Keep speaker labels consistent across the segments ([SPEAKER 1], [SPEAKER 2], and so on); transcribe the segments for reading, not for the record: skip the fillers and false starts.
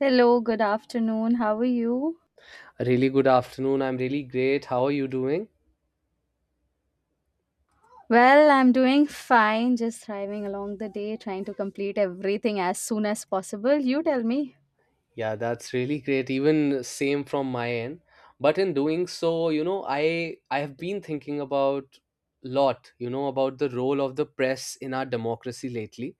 [SPEAKER 1] Hello, good afternoon. How are you?
[SPEAKER 2] Really good afternoon. I'm really great. How are you doing?
[SPEAKER 1] Well, I'm doing fine, just thriving along the day, trying to complete everything as soon as possible. You tell me.
[SPEAKER 2] Yeah, that's really great. Even same from my end. But in doing so, you know, I have been thinking about lot, you know, about the role of the press in our democracy lately.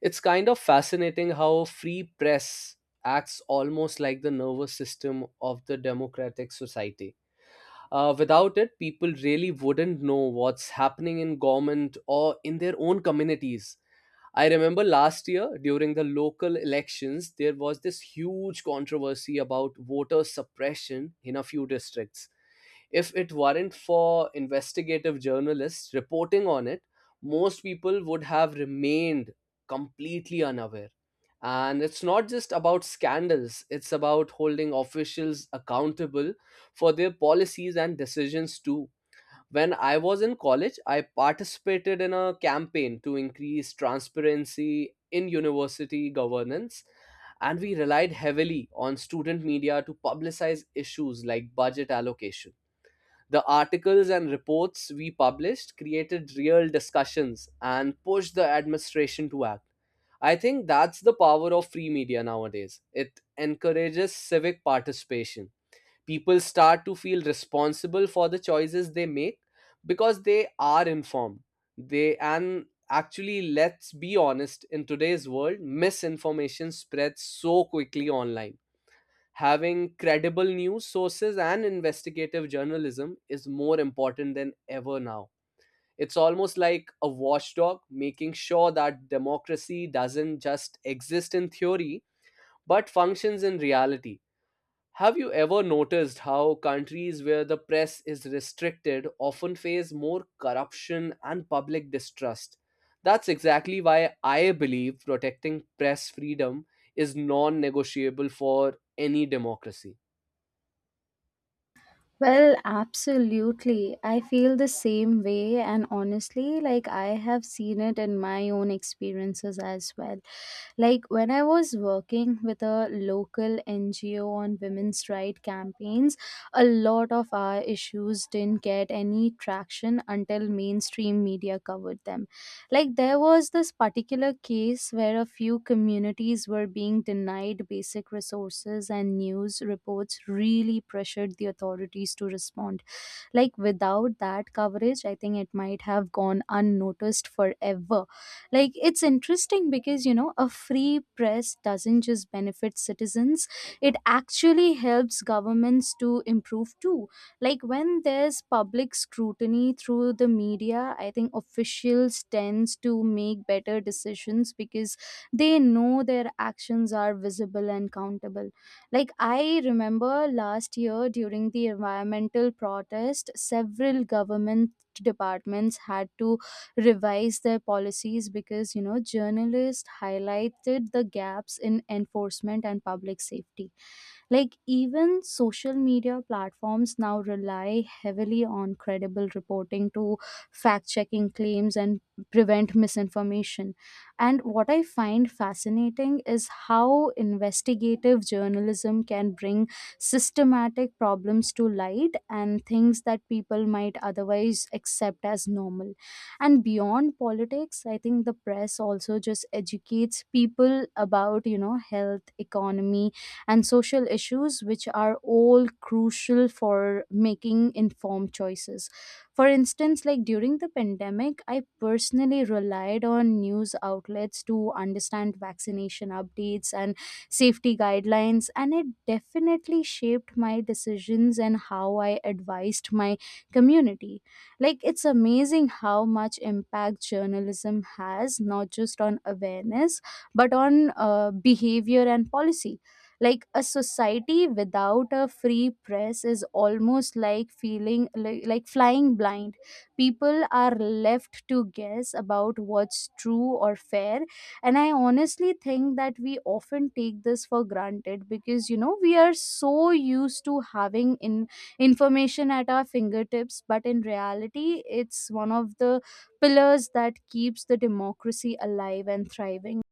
[SPEAKER 2] It's kind of fascinating how free press acts almost like the nervous system of the democratic society. Without it, people really wouldn't know what's happening in government or in their own communities. I remember last year during the local elections, there was this huge controversy about voter suppression in a few districts. If it weren't for investigative journalists reporting on it, most people would have remained completely unaware. And it's not just about scandals, it's about holding officials accountable for their policies and decisions too. When I was in college, I participated in a campaign to increase transparency in university governance, and we relied heavily on student media to publicize issues like budget allocation. The articles and reports we published created real discussions and pushed the administration to act. I think that's the power of free media nowadays. It encourages civic participation. People start to feel responsible for the choices they make because they are informed. They and actually, let's be honest, in today's world misinformation spreads so quickly online. Having credible news sources and investigative journalism is more important than ever now. It's almost like a watchdog making sure that democracy doesn't just exist in theory but functions in reality. Have you ever noticed how countries where the press is restricted often face more corruption and public distrust? That's exactly why I believe protecting press freedom is non negotiable for any democracy.
[SPEAKER 1] Well, absolutely. I feel the same way, and honestly, like I have seen it in my own experiences as well. Like when I was working with a local NGO on women's right campaigns, a lot of our issues didn't get any traction until mainstream media covered them. Like there was this particular case where a few communities were being denied basic resources, and news reports really pressured the authorities to respond. Like without that coverage, I think it might have gone unnoticed forever. Like it's interesting because, you know, a free press doesn't just benefit citizens, it actually helps governments to improve too. Like when there's public scrutiny through the media, I think officials tends to make better decisions because they know their actions are visible and countable. Like, I remember last year during the environmental protest, several government departments had to revise their policies because, you know, journalists highlighted the gaps in enforcement and public safety. Like, even social media platforms now rely heavily on credible reporting to fact checking claims and prevent misinformation. And what I find fascinating is how investigative journalism can bring systematic problems to light, and things that people might otherwise accept as normal. And beyond politics, I think the press also just educates people about, you know, health, economy, and social issues, which are all crucial for making informed choices. For instance, like during the pandemic, I personally relied on news outlets to understand vaccination updates and safety guidelines, and it definitely shaped my decisions and how I advised my community. Like, it's amazing how much impact journalism has, not just on awareness, but on behavior and policy. Like a society without a free press is almost like feeling like flying blind. People are left to guess about what's true or fair, and I honestly think that we often take this for granted because, you know, we are so used to having in information at our fingertips, but in reality it's one of the pillars that keeps the democracy alive and thriving.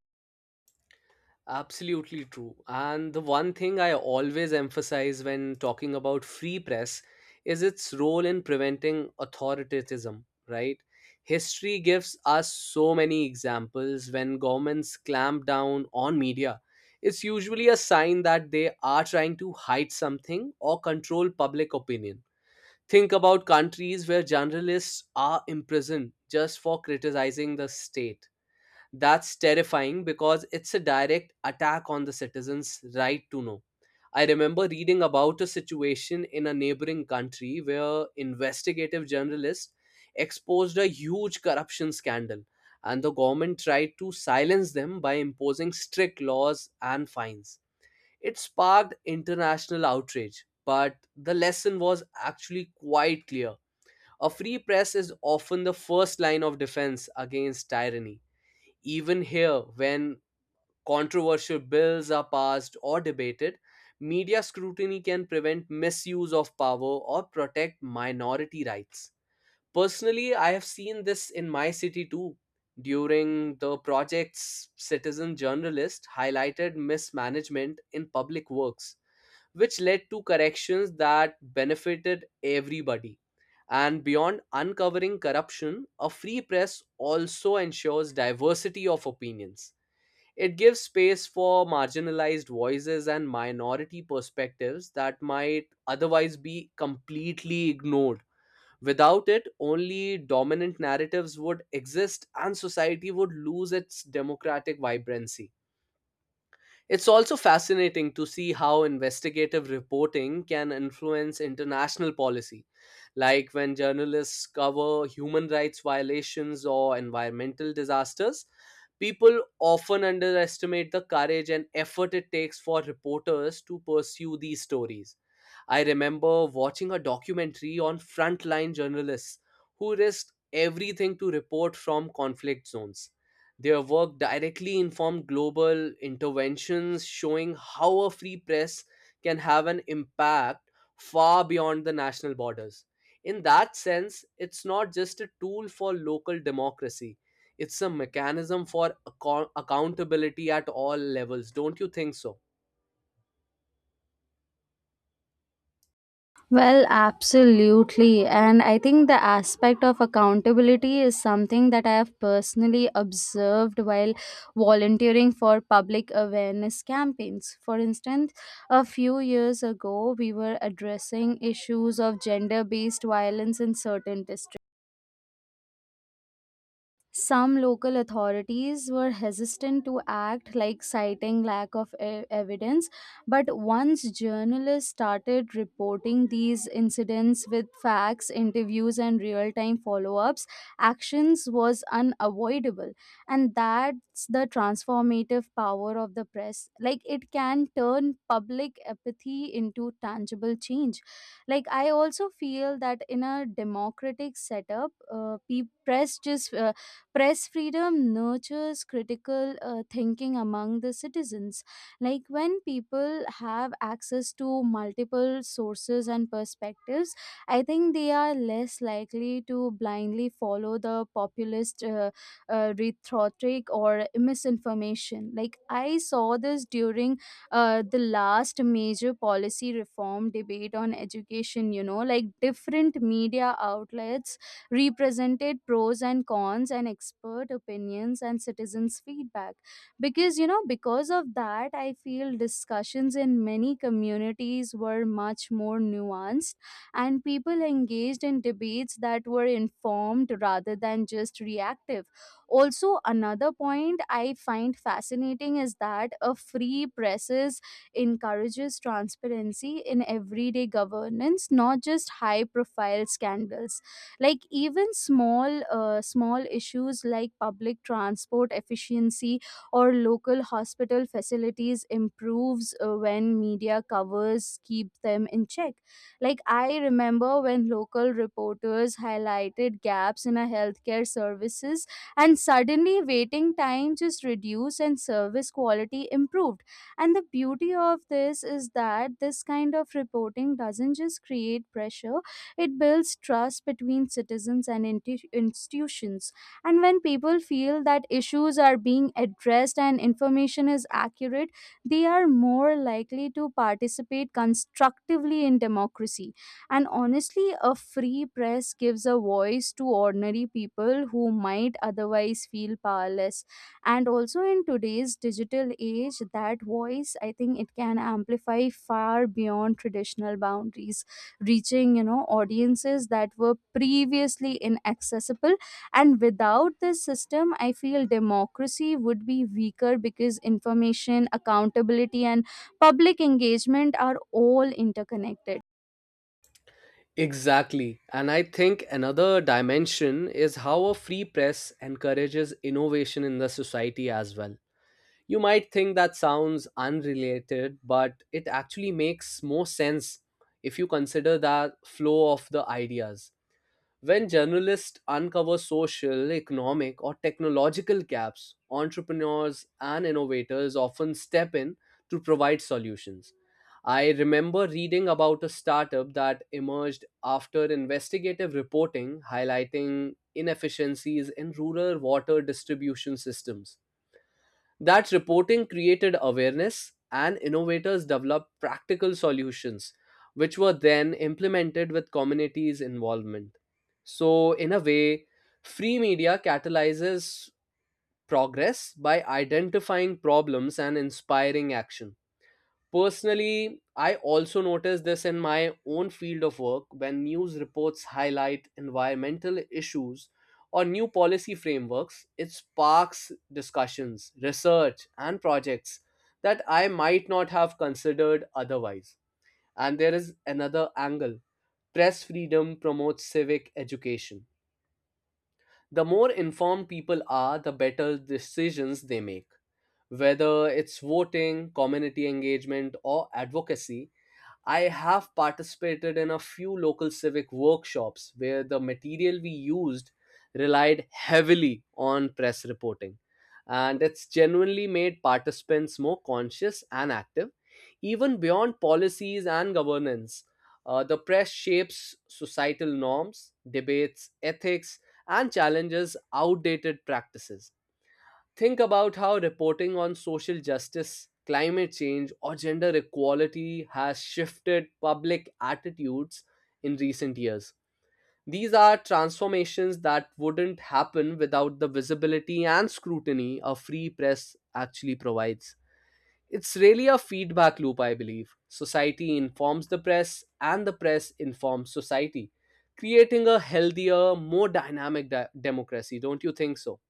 [SPEAKER 2] Absolutely true. And the one thing I always emphasize when talking about free press is its role in preventing authoritarianism, right? History gives us so many examples when governments clamp down on media. It's usually a sign that they are trying to hide something or control public opinion. Think about countries where journalists are imprisoned just for criticizing the state. That's terrifying because it's a direct attack on the citizens' right to know. I remember reading about a situation in a neighboring country where investigative journalists exposed a huge corruption scandal, and the government tried to silence them by imposing strict laws and fines. It sparked international outrage, but the lesson was actually quite clear. A free press is often the first line of defense against tyranny. Even here, when controversial bills are passed or debated, media scrutiny can prevent misuse of power or protect minority rights. Personally, I have seen this in my city too. During the project's, citizen journalist highlighted mismanagement in public works, which led to corrections that benefited everybody. And beyond uncovering corruption, a free press also ensures diversity of opinions. It gives space for marginalized voices and minority perspectives that might otherwise be completely ignored. Without it, only dominant narratives would exist and society would lose its democratic vibrancy. It's also fascinating to see how investigative reporting can influence international policy, like when journalists cover human rights violations or environmental disasters. People often underestimate the courage and effort it takes for reporters to pursue these stories. I remember watching a documentary on frontline journalists who risked everything to report from conflict zones. Their work directly informed global interventions, showing how a free press can have an impact far beyond the national borders. In that sense, it's not just a tool for local democracy, it's a mechanism for accountability at all levels. Don't you think so?
[SPEAKER 1] Well, absolutely. And I think the aspect of accountability is something that I have personally observed while volunteering for public awareness campaigns. For instance, a few years ago, we were addressing issues of gender based violence in certain districts. Some local authorities were hesitant to act, like citing lack of evidence. But once journalists started reporting these incidents with facts, interviews, and real time follow ups, actions was unavoidable. And that's the transformative power of the press. Like it can turn public apathy into tangible change. Like I also feel that in a democratic setup, Press freedom nurtures critical thinking among the citizens. Like when people have access to multiple sources and perspectives, I think they are less likely to blindly follow the populist rhetoric or misinformation. Like I saw this during the last major policy reform debate on education, you know, like different media outlets represented pros and cons and expert opinions and citizens feedback, because, you know, because of that I feel discussions in many communities were much more nuanced, and people engaged in debates that were informed rather than just reactive. Also, another point I find fascinating is that a free presses encourages transparency in everyday governance, not just high profile scandals. Like even small issues like public transport efficiency or local hospital facilities improves when media covers keep them in check. Like I remember when local reporters highlighted gaps in our healthcare services, and suddenly waiting time just reduced and service quality improved. And the beauty of this is that this kind of reporting doesn't just create pressure, it builds trust between citizens and institutions. And when people feel that issues are being addressed and information is accurate, they are more likely to participate constructively in democracy. And honestly, a free press gives a voice to ordinary people who might otherwise feel powerless. And also in today's digital age, that voice, I think it can amplify far beyond traditional boundaries, reaching, you know, audiences that were previously inaccessible. And without this system, I feel democracy would be weaker because information, accountability, and public engagement are all interconnected.
[SPEAKER 2] Exactly. And I think another dimension is how a free press encourages innovation in the society as well. You might think that sounds unrelated, but it actually makes more sense if you consider that flow of the ideas. When journalists uncover social, economic, or technological gaps, entrepreneurs and innovators often step in to provide solutions. I remember reading about a startup that emerged after investigative reporting highlighting inefficiencies in rural water distribution systems. That reporting created awareness, and innovators developed practical solutions, which were then implemented with communities' involvement. So, in a way, free media catalyzes progress by identifying problems and inspiring action. Personally, I also notice this in my own field of work. When news reports highlight environmental issues or new policy frameworks, it sparks discussions, research, and projects that I might not have considered otherwise. And there is another angle: press freedom promotes civic education. The more informed people are, the better decisions they make, whether it's voting, community engagement, or advocacy. I have participated in a few local civic workshops where the material we used relied heavily on press reporting. And it's genuinely made participants more conscious and active, even beyond policies and governance. The press shapes societal norms, debates, ethics, and challenges outdated practices. Think about how reporting on social justice, climate change, or gender equality has shifted public attitudes in recent years. These are transformations that wouldn't happen without the visibility and scrutiny a free press actually provides. It's really a feedback loop, I believe. Society informs the press, and the press informs society, creating a healthier, more dynamic democracy. Don't you think so?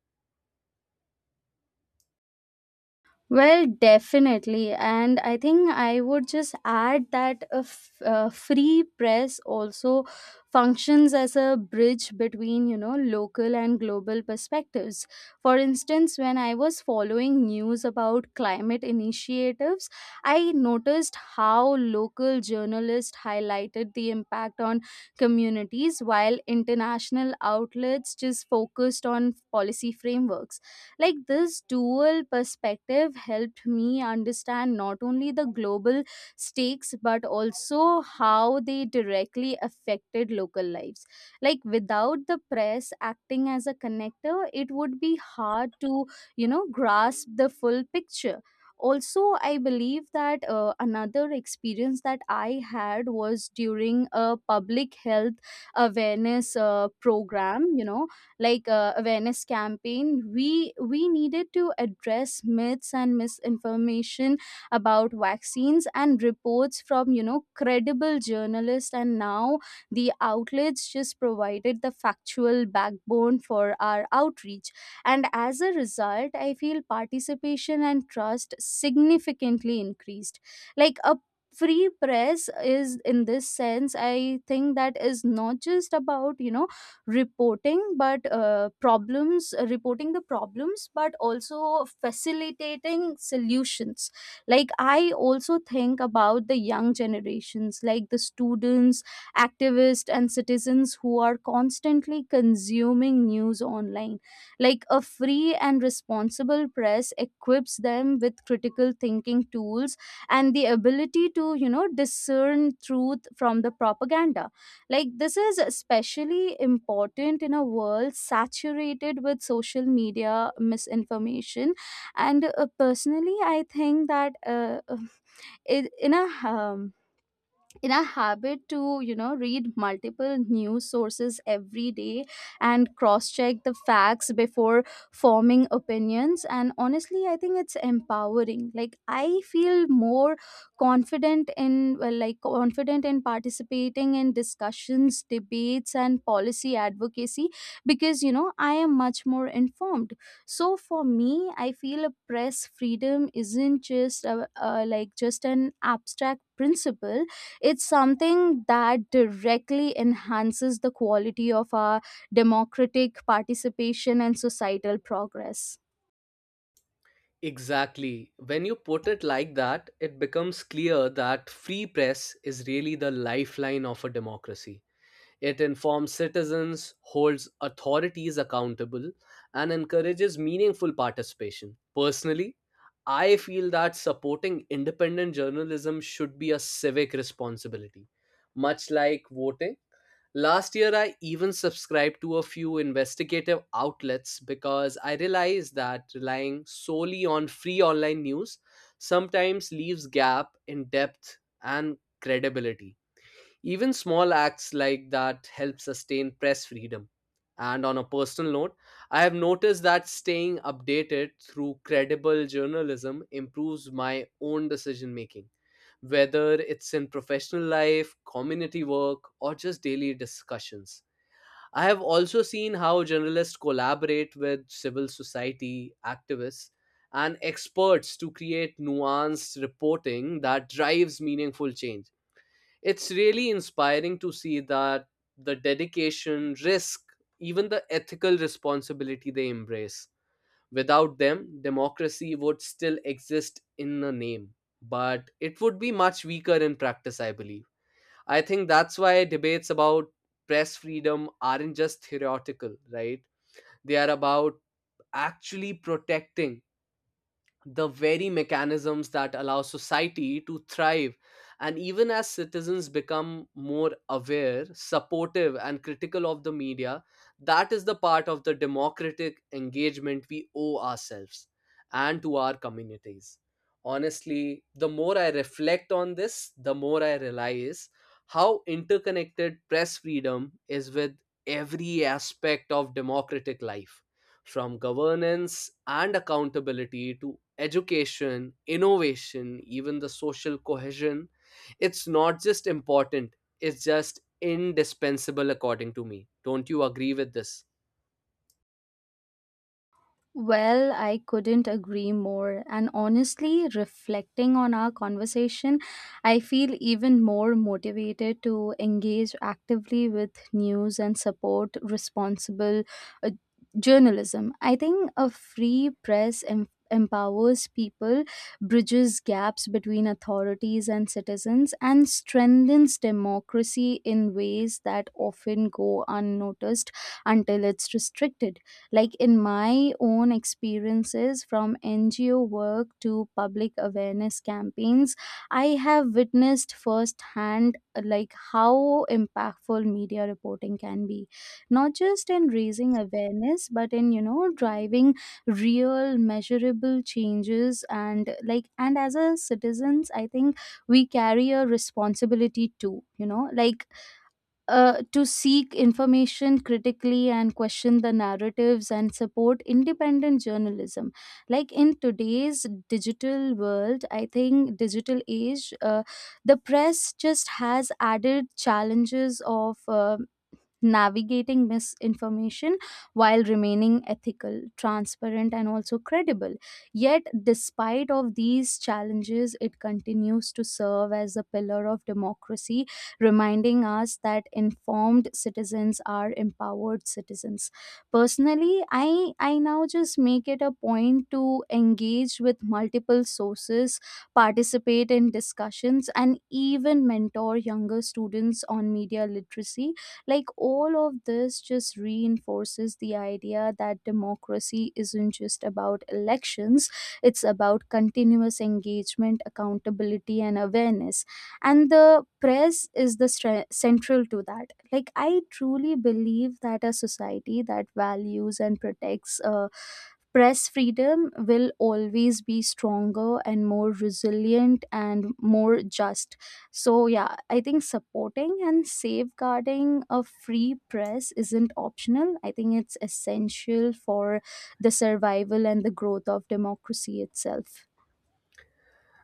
[SPEAKER 1] Well, definitely. And I think I would just add that a free press also functions as a bridge between, you know, local and global perspectives. For instance, when I was following news about climate initiatives, I noticed how local journalists highlighted the impact on communities while international outlets just focused on policy frameworks. Like this dual perspective helped me understand not only the global stakes, but also how they directly affected local lives. Like without the press acting as a connector, it would be hard to, you know, grasp the full picture. Also, I believe that another experience that I had was during a public health awareness program, you know, like awareness campaign, we needed to address myths and misinformation about vaccines, and reports from, you know, credible journalists and now the outlets just provided the factual backbone for our outreach, and as a result I feel participation and trust significantly increased. Like a free press is, in this sense, I think that is not just about, you know, reporting the problems, but also facilitating solutions. Like I also think about the young generations, like the students, activists, and citizens who are constantly consuming news online. Like a free and responsible press equips them with critical thinking tools and the ability to, you know, discern truth from the propaganda. Like, this is especially important in a world saturated with social media misinformation. And personally, I think that in in a um, in a habit to, you know, read multiple news sources every day and cross check the facts before forming opinions, and honestly I think it's empowering. Like I feel more confident in participating in discussions, debates, and policy advocacy, because, you know, I am much more informed. So for me, I feel a press freedom isn't just a, like just an abstract principle, it's something that directly enhances the quality of our democratic participation and societal progress.
[SPEAKER 2] Exactly. When you put it like that, it becomes clear that free press is really the lifeline of a democracy. It informs citizens, holds authorities accountable, and encourages meaningful participation. Personally, I feel that supporting independent journalism should be a civic responsibility, much like voting. Last year, I even subscribed to a few investigative outlets because I realized that relying solely on free online news sometimes leaves gap in depth and credibility. Even small acts like that help sustain press freedom. And on a personal note, I have noticed that staying updated through credible journalism improves my own decision making, whether it's in professional life, community work, or just daily discussions. I have also seen how journalists collaborate with civil society activists and experts to create nuanced reporting that drives meaningful change. It's really inspiring to see that the dedication, risk, even the ethical responsibility they embrace. Without them, democracy would still exist in a name, but it would be much weaker in practice, I believe. I think that's why debates about press freedom aren't just theoretical, right? They are about actually protecting the very mechanisms that allow society to thrive. And even as citizens become more aware, supportive, and critical of the media, that is the part of the democratic engagement we owe ourselves and to our communities. Honestly, the more I reflect on this, the more I realize how interconnected press freedom is with every aspect of democratic life, from governance and accountability to education, innovation, even the social cohesion. It's not just important, it's just indispensable, according to me. Don't you agree with this?
[SPEAKER 1] Well, I couldn't agree more. And honestly, reflecting on our conversation, I feel even more motivated to engage actively with news and support responsible uh, journalism. I think a free press empowers people, bridges gaps between authorities and citizens, and strengthens democracy in ways that often go unnoticed until it's restricted. Like in my own experiences from NGO work to public awareness campaigns, I have witnessed firsthand like how impactful media reporting can be, not just in raising awareness, but in, you know, driving real measurable changes. And like, and as a citizens, I think we carry a responsibility too, you know, like to seek information critically and question the narratives and support independent journalism. Like in today's digital world, I think digital age, the press just has added challenges of navigating misinformation while remaining ethical, transparent, and also credible. Yet despite of these challenges, it continues to serve as a pillar of democracy, reminding us that informed citizens are empowered citizens. Personally, I now just make it a point to engage with multiple sources, participate in discussions, and even mentor younger students on media literacy. Like all of this just reinforces the idea that democracy isn't just about elections, it's about continuous engagement, accountability, and awareness. And the press is the central to that. Like, I truly believe that a society that values and protects press freedom will always be stronger and more resilient and more just. So, yeah, I think supporting and safeguarding a free press isn't optional. I think it's essential for the survival and the growth of democracy itself.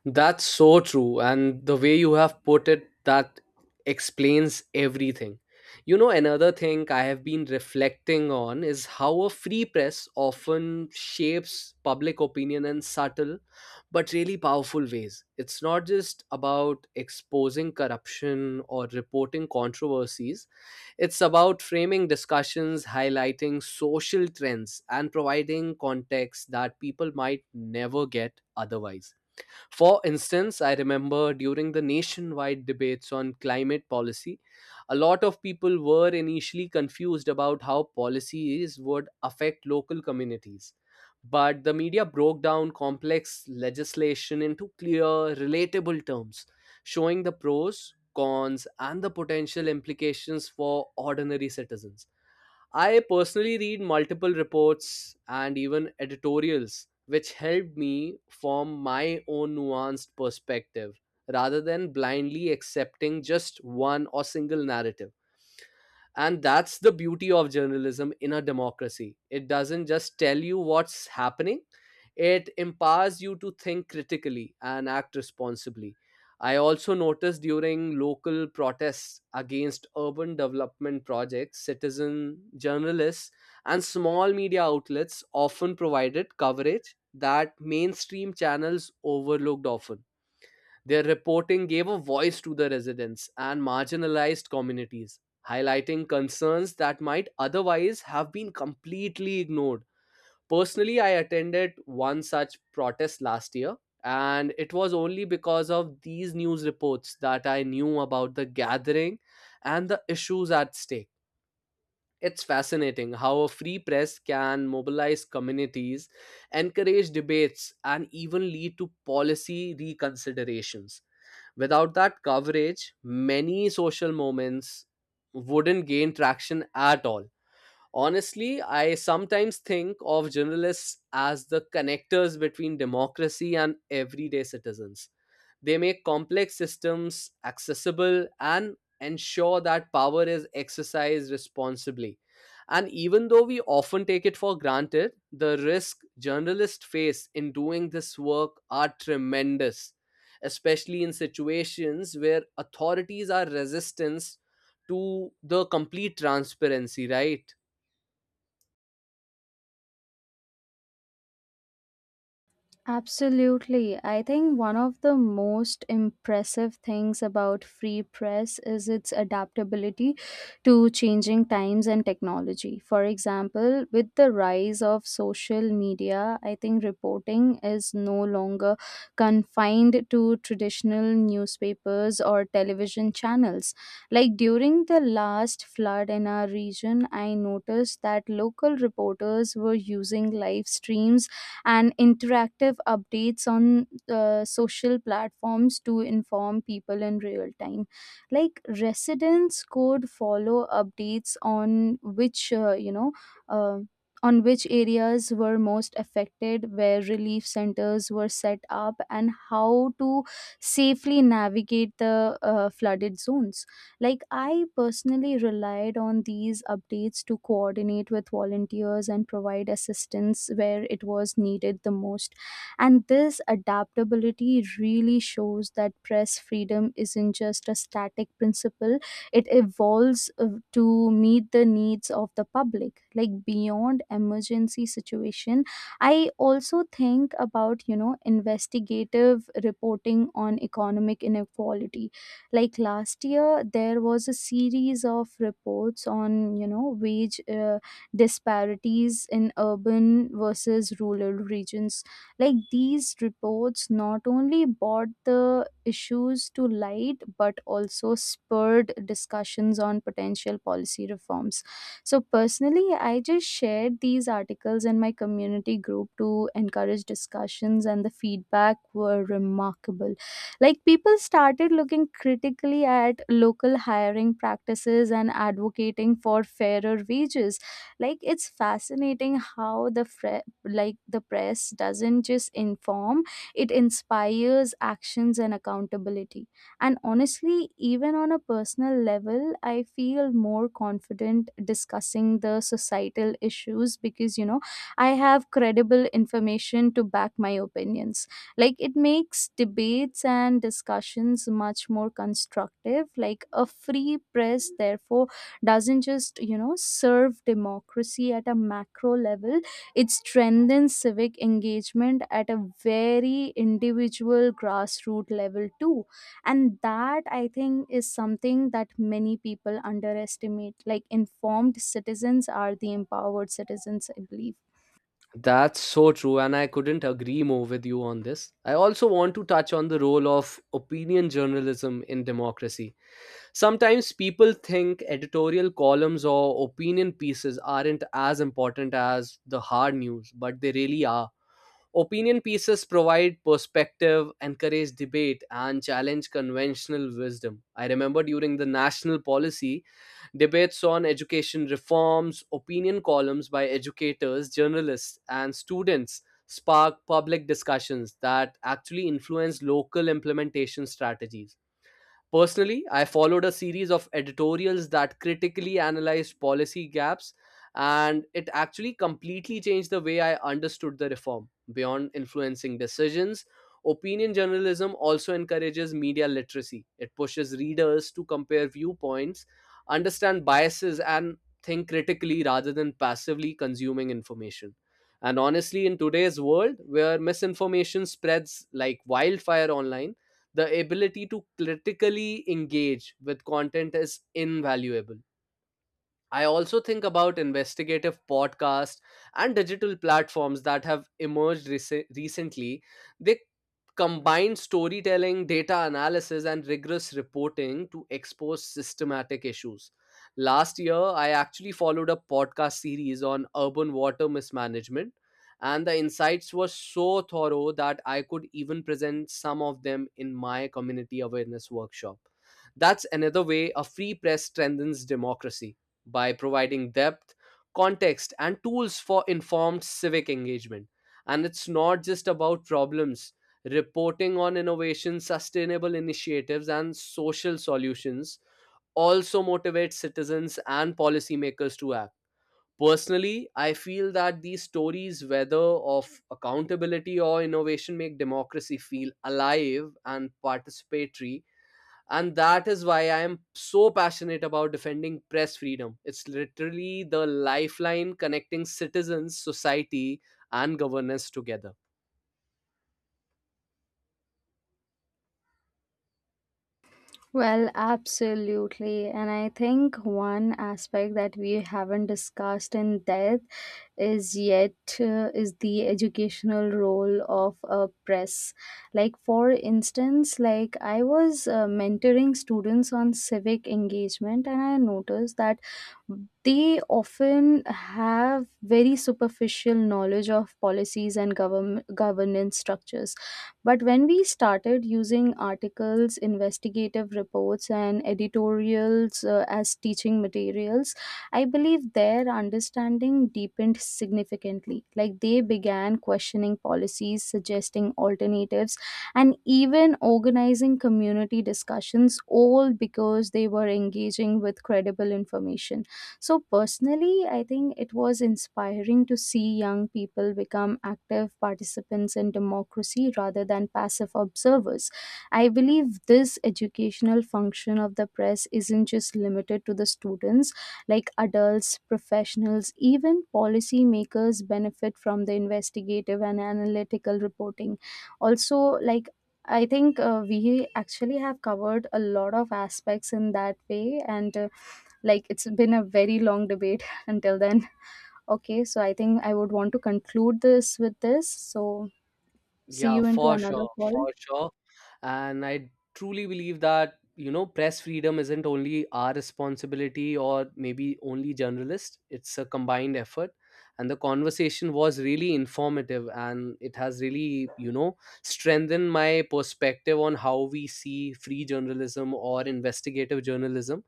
[SPEAKER 2] That's so true. And the way you have put it, that explains everything. You know, another thing I have been reflecting on is how a free press often shapes public opinion in subtle but really powerful ways. It's not just about exposing corruption or reporting controversies, it's about framing discussions, highlighting social trends, and providing context that people might never get otherwise. For instance, I remember during the nationwide debates on climate policy, a lot of people were initially confused about how policies would affect local communities. But the media broke down complex legislation into clear, relatable terms, showing the pros, cons, and the potential implications for ordinary citizens. I personally read multiple reports and even editorials, which helped me form my own nuanced perspective rather than blindly accepting just one or single narrative. And that's the beauty of journalism in a democracy. It doesn't just tell you what's happening, it empowers you to think critically and act responsibly. I also noticed during local protests against urban development projects, citizen journalists and small media outlets often provided coverage that mainstream channels overlooked often. Their reporting gave a voice to the residents and marginalized communities, highlighting concerns that might otherwise have been completely ignored. Personally, I attended one such protest last year, and it was only because of these news reports that I knew about the gathering and the issues at stake. It's fascinating how a free press can mobilize communities, encourage debates, and even lead to policy reconsiderations. Without that coverage, many social moments wouldn't gain traction at all. Honestly, I sometimes think of journalists as the connectors between democracy and everyday citizens. They make complex systems accessible and ensure that power is exercised responsibly. And even though we often take it for granted, the risk journalists face in doing this work are tremendous, especially in situations where authorities are resistant to the complete transparency, right?
[SPEAKER 1] Absolutely. I think one of the most impressive things about Free Press is its adaptability to changing times and technology. For example, with the rise of social media, I think reporting is no longer confined to traditional newspapers or television channels. Like during the last flood in our region, I noticed that local reporters were using live streams and interactive updates on social platforms to inform people in real time. Like residents could follow updates on uh, on which areas were most affected, where relief centers were set up, and how to safely navigate the flooded zones. Like, I personally relied on these updates to coordinate with volunteers and provide assistance where it was needed the most. And this adaptability really shows that press freedom isn't just a static principle, it evolves to meet the needs of the public. Like, beyond emergency situation, I also think about, you know, investigative reporting on economic inequality. Like last year there was a series of reports on, you know, wage disparities in urban versus rural regions. Like these reports not only brought the issues to light, but also spurred discussions on potential policy reforms. So personally, I just shared these articles in my community group to encourage discussions, and the feedback were remarkable. Like people started looking critically at local hiring practices and advocating for fairer wages. Like it's fascinating how the the press doesn't just inform, it inspires actions and accountability. And honestly, even on a personal level, I feel more confident discussing the societal issues because, you know, I have credible information to back my opinions. Like it makes debates and discussions much more constructive. Like a free press therefore doesn't just, you know, serve democracy at a macro level, it strengthens civic engagement at a very individual grassroots level too. And that, I think, is something that many people underestimate. Like informed citizens are the empowered citizens, I believe.
[SPEAKER 2] That's so true, and I couldn't agree more with you on this. I also want to touch on the role of opinion journalism in democracy. Sometimes people think editorial columns or opinion pieces aren't as important as the hard news, but they really are. Opinion pieces provide perspective, encourage debate, and challenge conventional wisdom. I remember during the national policy debates on education reforms, opinion columns by educators, journalists, and students spark public discussions that actually influence local implementation strategies. Personally, I followed a series of editorials that critically analyzed policy gaps, and it actually completely changed the way I understood the reform. Beyond influencing decisions, opinion journalism also encourages media literacy. It pushes readers to compare viewpoints, understand biases, and think critically rather than passively consuming information. And honestly, in today's world where misinformation spreads like wildfire online, the ability to critically engage with content is invaluable. I also think about investigative podcasts and digital platforms that have emerged recently. They combined storytelling, data analysis, and rigorous reporting to expose systematic issues. Last year, I actually followed a podcast series on urban water mismanagement, and the insights were so thorough that I could even present some of them in my community awareness workshop. That's another way a free press strengthens democracy, by providing depth, context, and tools for informed civic engagement. And it's not just about problems, reporting on innovation, sustainable initiatives, and social solutions also motivates citizens and policymakers to act. Personally, I feel that these stories, whether of accountability or innovation, make democracy feel alive and participatory. And that is why I am so passionate about defending press freedom. It's literally the lifeline connecting citizens, society, and governance together.
[SPEAKER 1] Well, absolutely. And I think one aspect that we haven't discussed in depth is yet, is the educational role of a press. Like for instance, like I was mentoring students on civic engagement, and I noticed that they often have very superficial knowledge of policies and government governance structures. But when we started using articles, investigative reports, and editorials as teaching materials, I believe their understanding deepened significantly. Like they began questioning policies, suggesting alternatives, and even organizing community discussions, all because they were engaging with credible information. So, personally, I think it was inspiring to see young people become active participants in democracy rather than passive observers. I believe this educational function of the press isn't just limited to the students, like adults, professionals, even policymakers benefit from the investigative and analytical reporting. Also, like I think we actually have covered a lot of aspects in that way, and like it's been a very long debate until then. Okay, so I think I would want to conclude this with this. So see
[SPEAKER 2] Yeah,
[SPEAKER 1] you into
[SPEAKER 2] for
[SPEAKER 1] another
[SPEAKER 2] sure,
[SPEAKER 1] call.
[SPEAKER 2] for sure. And I truly believe that, you know, press freedom isn't only our responsibility or maybe only journalists, it's a combined effort. And the conversation was really informative and it has really, you know, strengthened my perspective on how we see free journalism or investigative journalism.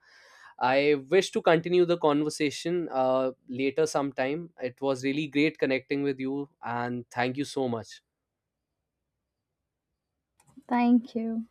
[SPEAKER 2] I wish to continue the conversation later sometime. It was really great connecting with you and thank you so much.
[SPEAKER 1] Thank you.